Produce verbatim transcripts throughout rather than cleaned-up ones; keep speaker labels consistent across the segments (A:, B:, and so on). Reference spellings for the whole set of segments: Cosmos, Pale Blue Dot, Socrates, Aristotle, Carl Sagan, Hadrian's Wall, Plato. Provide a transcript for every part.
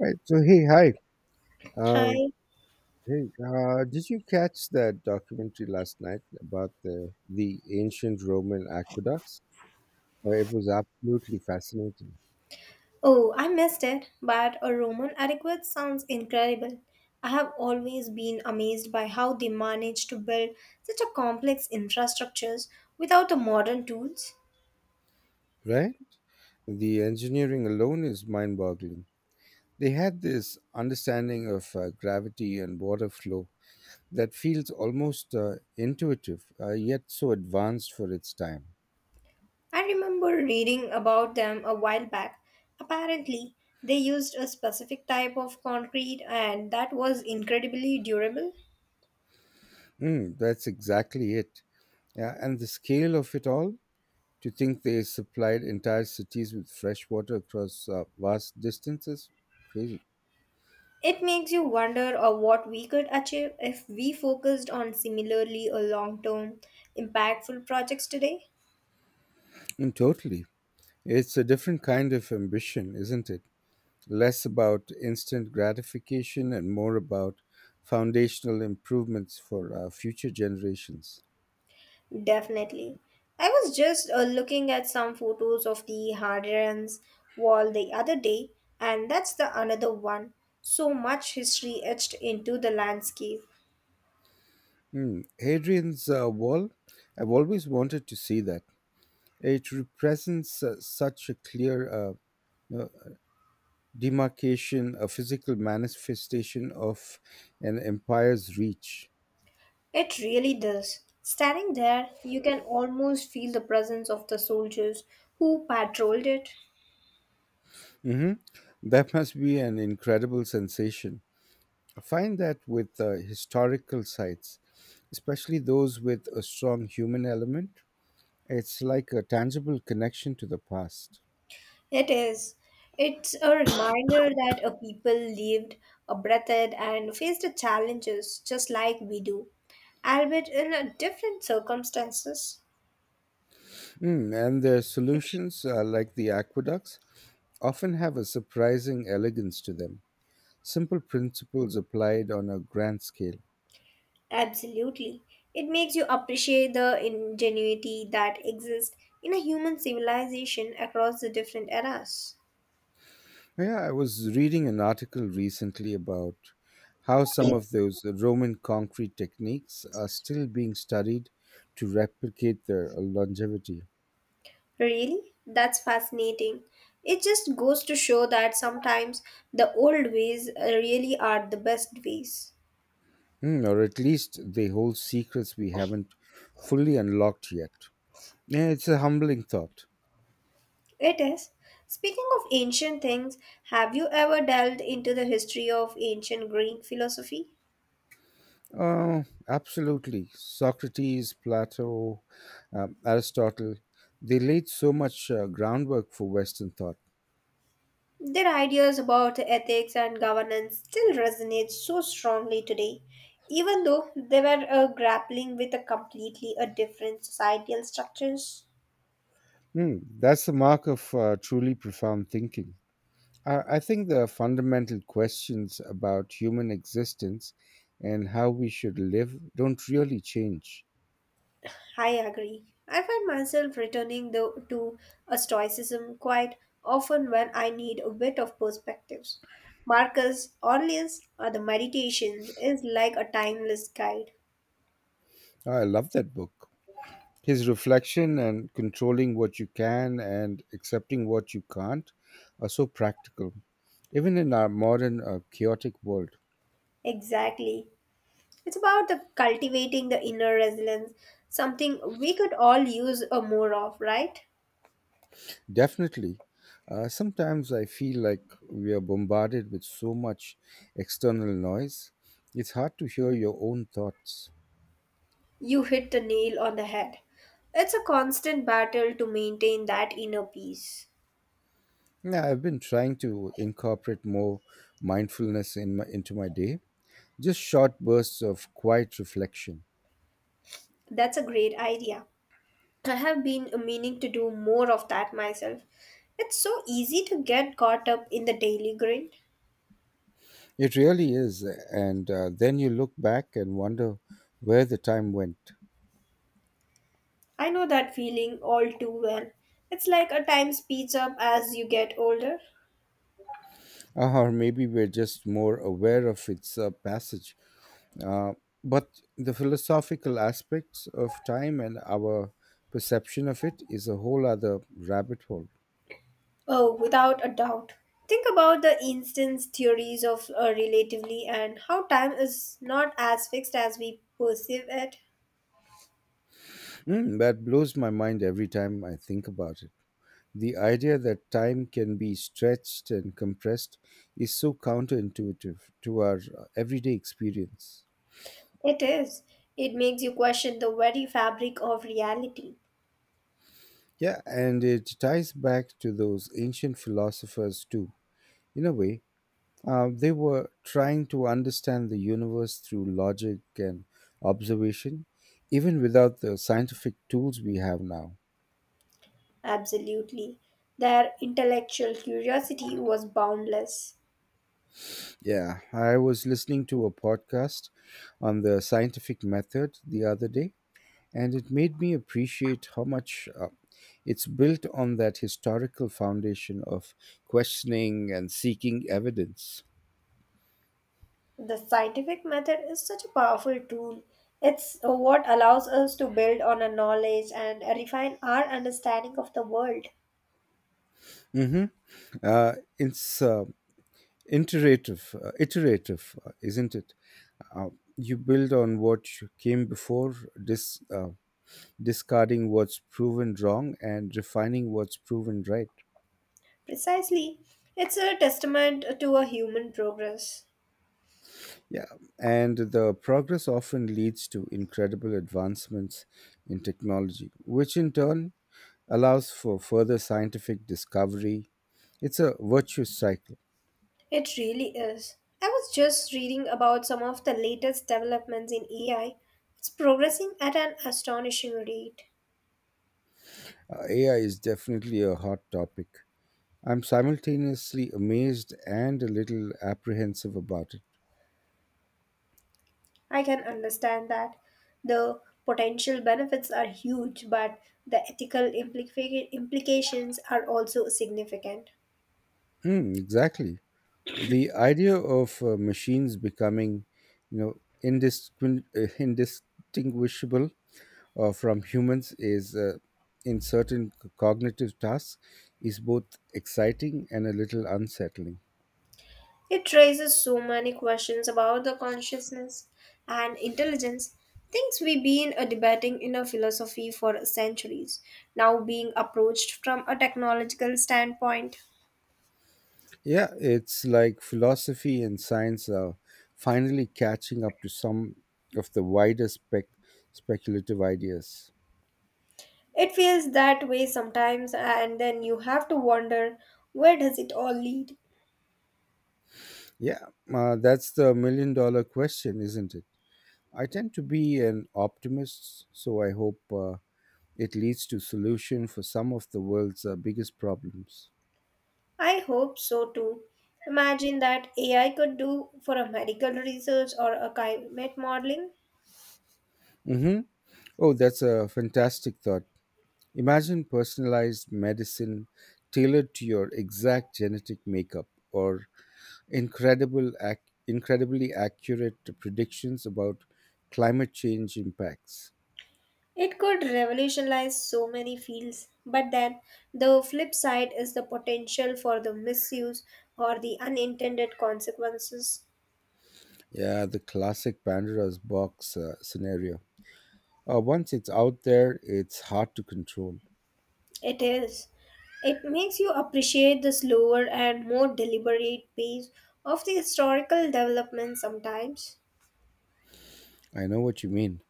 A: Right. So hey, hi. Um,
B: Hi.
A: Hey, uh, did you catch that documentary last night about the the ancient Roman aqueducts? Uh, it was absolutely fascinating.
B: Oh, I missed it, but a Roman adequate sounds incredible. I have always been amazed by how they managed to build such a complex infrastructures without the modern tools.
A: Right. The engineering alone is mind-boggling. They had this understanding of uh, gravity and water flow that feels almost uh, intuitive, uh, yet so advanced for its time.
B: I remember reading about them a while back. Apparently, they used a specific type of concrete and that was incredibly durable.
A: Mm, that's exactly it. Yeah, and the scale of it all. To think they supplied entire cities with fresh water across uh, vast distances? Crazy.
B: It makes you wonder of what we could achieve if we focused on similarly a long-term impactful projects today.
A: And totally. It's a different kind of ambition, isn't it? Less about instant gratification and more about foundational improvements for uh, future generations.
B: Definitely. I was just uh, looking at some photos of the Hadrian's Wall the other day, and that's the another one. So much history etched into the landscape.
A: Hmm. Hadrian's uh, Wall, I've always wanted to see that. It represents uh, such a clear uh, uh, demarcation, a physical manifestation of an empire's reach.
B: It really does. Standing there, you can almost feel the presence of the soldiers who patrolled it.
A: Hmm. That must be an incredible sensation. I find that with uh, historical sites, especially those with a strong human element, it's like a tangible connection to the past.
B: It is. It's a reminder that a people lived, a breathed, and faced the challenges just like we do, albeit in a different circumstances.
A: Mm, and their solutions, uh, like the aqueducts, often have a surprising elegance to them. Simple principles applied on a grand scale.
B: Absolutely. It makes you appreciate the ingenuity that exists in a human civilization across the different eras.
A: Yeah, I was reading an article recently about how some of those Roman concrete techniques are still being studied to replicate their longevity.
B: Really? That's fascinating. It just goes to show that sometimes the old ways uh, really are the best ways.
A: Hmm, or at least they hold secrets we haven't fully unlocked yet. Yeah, it's a humbling thought.
B: It is. Speaking of ancient things, have you ever delved into the history of ancient Greek philosophy?
A: Oh, absolutely. Socrates, Plato, um, Aristotle, they laid so much uh, groundwork for Western thought.
B: Their ideas about ethics and governance still resonate so strongly today, even though they were uh, grappling with a completely a different societal structures.
A: Hmm, that's the mark of uh, truly profound thinking. I I think there are fundamental questions about human existence and how we should live don't really change.
B: I agree. I find myself returning though to a stoicism quite often when I need a bit of perspectives. Marcus Aurelius or the Meditations is like a timeless guide.
A: I love that book. His reflection and controlling what you can and accepting what you can't are so practical, even in our modern, uh, chaotic world.
B: Exactly. It's about the cultivating the inner resilience, something we could all use a more of, right?
A: Definitely. Uh, sometimes I feel like we are bombarded with so much external noise, it's hard to hear your own thoughts.
B: You hit the nail on the head. It's a constant battle to maintain that inner peace.
A: Yeah, I've been trying to incorporate more mindfulness in my, into my day, just short bursts of quiet reflection.
B: That's a great idea. I have been meaning to do more of that myself. It's so easy to get caught up in the daily grind.
A: It really is. And uh, then you look back and wonder where the time went.
B: I know that feeling all too well. It's like a time speeds up as you get older.
A: Or maybe we're just more aware of its uh, passage. Uh, but the philosophical aspects of time and our perception of it is a whole other rabbit hole.
B: Oh, without a doubt. Think about the instance theories of uh, relatively and how time is not as fixed as we perceive it.
A: Mm, that blows my mind every time I think about it. The idea that time can be stretched and compressed is so counterintuitive to our uh, everyday experience.
B: It is. It makes you question the very fabric of reality.
A: Yeah, and it ties back to those ancient philosophers too. In a way, uh, they were trying to understand the universe through logic and observation, even without the scientific tools we have now.
B: Absolutely. Their intellectual curiosity was boundless.
A: Yeah, I was listening to a podcast on the scientific method the other day, and it made me appreciate how much uh, it's built on that historical foundation of questioning and seeking evidence.
B: The scientific method is such a powerful tool. It's uh, what allows us to build on our knowledge and refine our understanding of the world.
A: Hmm. Uh, it's uh, iterative, uh, iterative, uh, isn't it? Uh, you build on what you came before, dis, uh, discarding what's proven wrong and refining what's proven right.
B: Precisely. It's a testament to a human progress.
A: Yeah, and the progress often leads to incredible advancements in technology, which in turn allows for further scientific discovery. It's a virtuous cycle.
B: It really is. I was just reading about some of the latest developments in A I. It's progressing at an astonishing rate.
A: Uh, A I is definitely a hot topic. I'm simultaneously amazed and a little apprehensive about it.
B: I can understand that the potential benefits are huge, but the ethical implica- implications are also significant.
A: Hmm, exactly. The idea of uh, machines becoming, you know, indistingu- uh, indistinguishable uh, from humans is uh, in certain c- cognitive tasks is both exciting and a little unsettling.
B: It raises so many questions about the consciousness and intelligence, things we've been uh, debating in our philosophy for centuries, now being approached from a technological standpoint.
A: Yeah, it's like philosophy and science are finally catching up to some of the wider spec speculative ideas.
B: It feels that way sometimes, and then you have to wonder, where does it all lead?
A: Yeah, uh, that's the million dollar question, isn't it? I tend to be an optimist, so I hope uh, it leads to solution for some of the world's uh, biggest problems.
B: I hope so too. Imagine that A I could do for a medical research or a climate modeling.
A: Mhm. Oh, that's a fantastic thought. Imagine personalized medicine tailored to your exact genetic makeup or incredible ac- incredibly accurate predictions about climate change impacts.
B: It could revolutionize so many fields, but then the flip side is the potential for the misuse or the unintended consequences.
A: Yeah, the classic Pandora's box uh, scenario. Uh, once it's out there, it's hard to control.
B: It is. It makes you appreciate the slower and more deliberate pace of the historical development sometimes.
A: I know what you mean.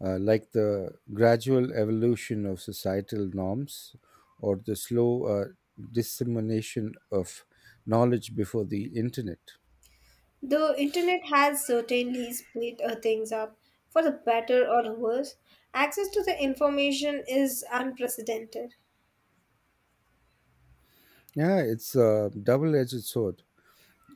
A: Uh, like the gradual evolution of societal norms or the slow uh, dissemination of knowledge before the internet.
B: The internet has certainly sped uh, things up for the better or the worse. Access to the information is unprecedented.
A: Yeah, it's a double edged sword.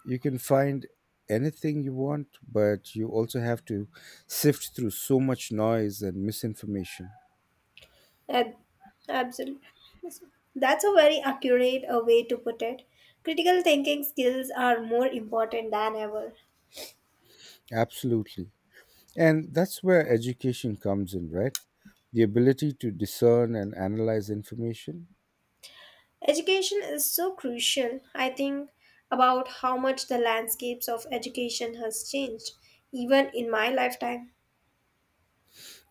A: You can find anything you want, but you also have to sift through so much noise and misinformation.
B: Ab- absolutely. That's a very accurate uh, way to put it. Critical thinking skills are more important than ever.
A: Absolutely. And that's where education comes in, right? The ability to discern and analyze information.
B: Education is so crucial. I think about how much the landscapes of education has changed, even in my lifetime.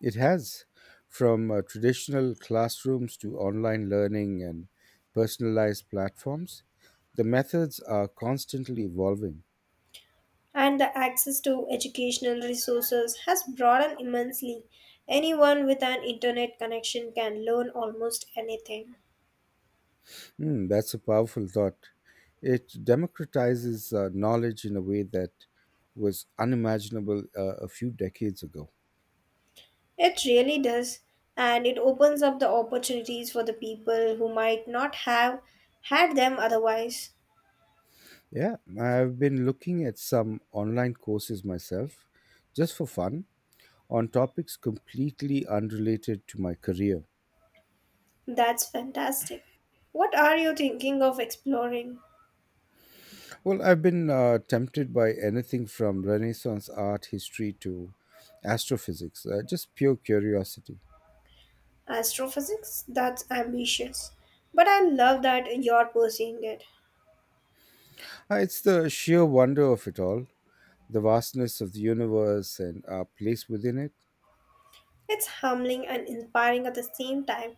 A: It has, from uh, traditional classrooms to online learning and personalized platforms, the methods are constantly evolving.
B: And the access to educational resources has broadened immensely. Anyone with an internet connection can learn almost anything.
A: Hmm, that's a powerful thought. It democratizes uh, knowledge in a way that was unimaginable uh, a few decades ago.
B: It really does, and it opens up the opportunities for the people who might not have had them otherwise.
A: Yeah, I've been looking at some online courses myself, just for fun, on topics completely unrelated to my career.
B: That's fantastic. What are you thinking of exploring?
A: Well, I've been uh, tempted by anything from Renaissance art history to astrophysics, uh, just pure curiosity.
B: Astrophysics? That's ambitious. But I love that you're pursuing it.
A: Uh, It's the sheer wonder of it all, the vastness of the universe and our place within it.
B: It's humbling and inspiring at the same time.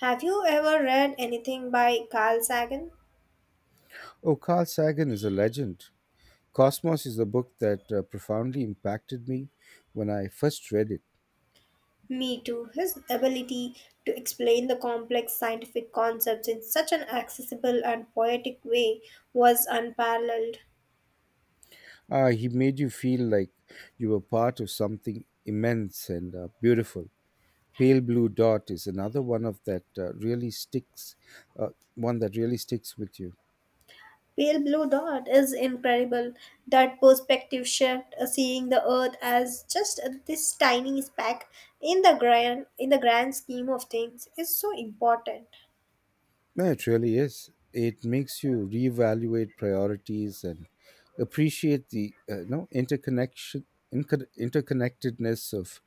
B: Have you ever read anything by Carl Sagan?
A: Oh, Carl Sagan is a legend. Cosmos is a book that uh, profoundly impacted me when I first read it.
B: Me too. His ability to explain the complex scientific concepts in such an accessible and poetic way was unparalleled.
A: Uh, he made you feel like you were part of something immense and uh, beautiful. Pale Blue Dot is another one of that uh, really sticks, uh, One that really sticks with you.
B: Pale Blue Dot is incredible. That perspective shift, uh, seeing the Earth as just uh, this tiny speck in the grand in the grand scheme of things, is so important.
A: No, it really is. It makes you reevaluate priorities and appreciate the uh, no interconnection inco- interconnectedness of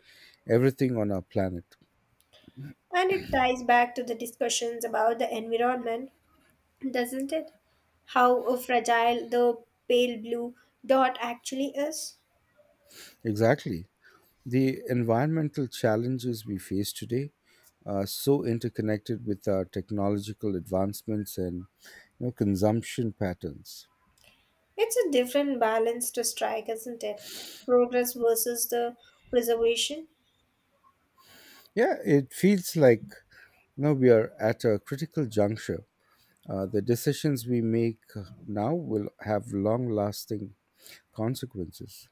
A: everything on our planet.
B: And it ties back to the discussions about the environment, doesn't it? How uh, fragile the pale blue dot actually is.
A: Exactly. The environmental challenges we face today are so interconnected with our technological advancements and, you know, consumption patterns.
B: It's a different balance to strike, isn't it? Progress versus the preservation.
A: Yeah, it feels like, you know, we are at a critical juncture. Uh, the decisions we make now will have long lasting consequences.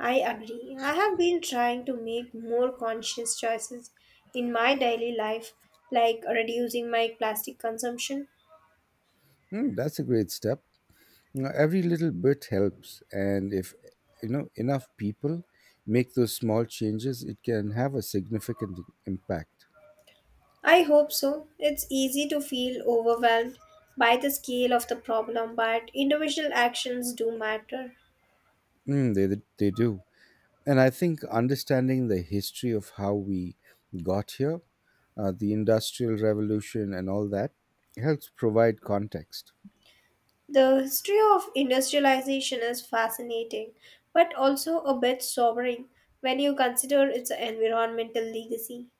B: I agree. I have been trying to make more conscious choices in my daily life, like reducing my plastic consumption.
A: Hmm, that's a great step. You know, every little bit helps, and if, you know, enough people make those small changes, it can have a significant impact.
B: I hope so. It's easy to feel overwhelmed by the scale of the problem, but individual actions do matter.
A: Hmm, they they do, and I think understanding the history of how we got here, uh, the industrial revolution, and all that helps provide context.
B: The history of industrialization is fascinating, but also a bit sobering when you consider its environmental legacy.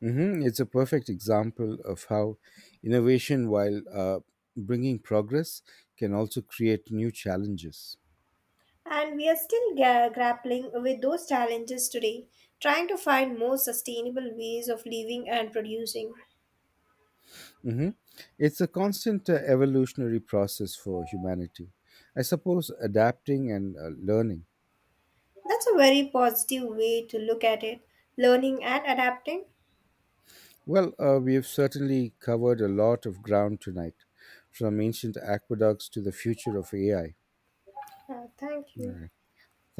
A: Hmm. It's a perfect example of how innovation, while uh, bringing progress, can also create new challenges.
B: And we are still ga- grappling with those challenges today, trying to find more sustainable ways of living and producing.
A: Hmm. It's a constant uh, evolutionary process for humanity. I suppose adapting and uh, learning.
B: That's a very positive way to look at it, learning and adapting.
A: Well, uh, we have certainly covered a lot of ground tonight, from ancient aqueducts to the future of A I.
B: Uh, thank
A: All
B: you.
A: right. Thank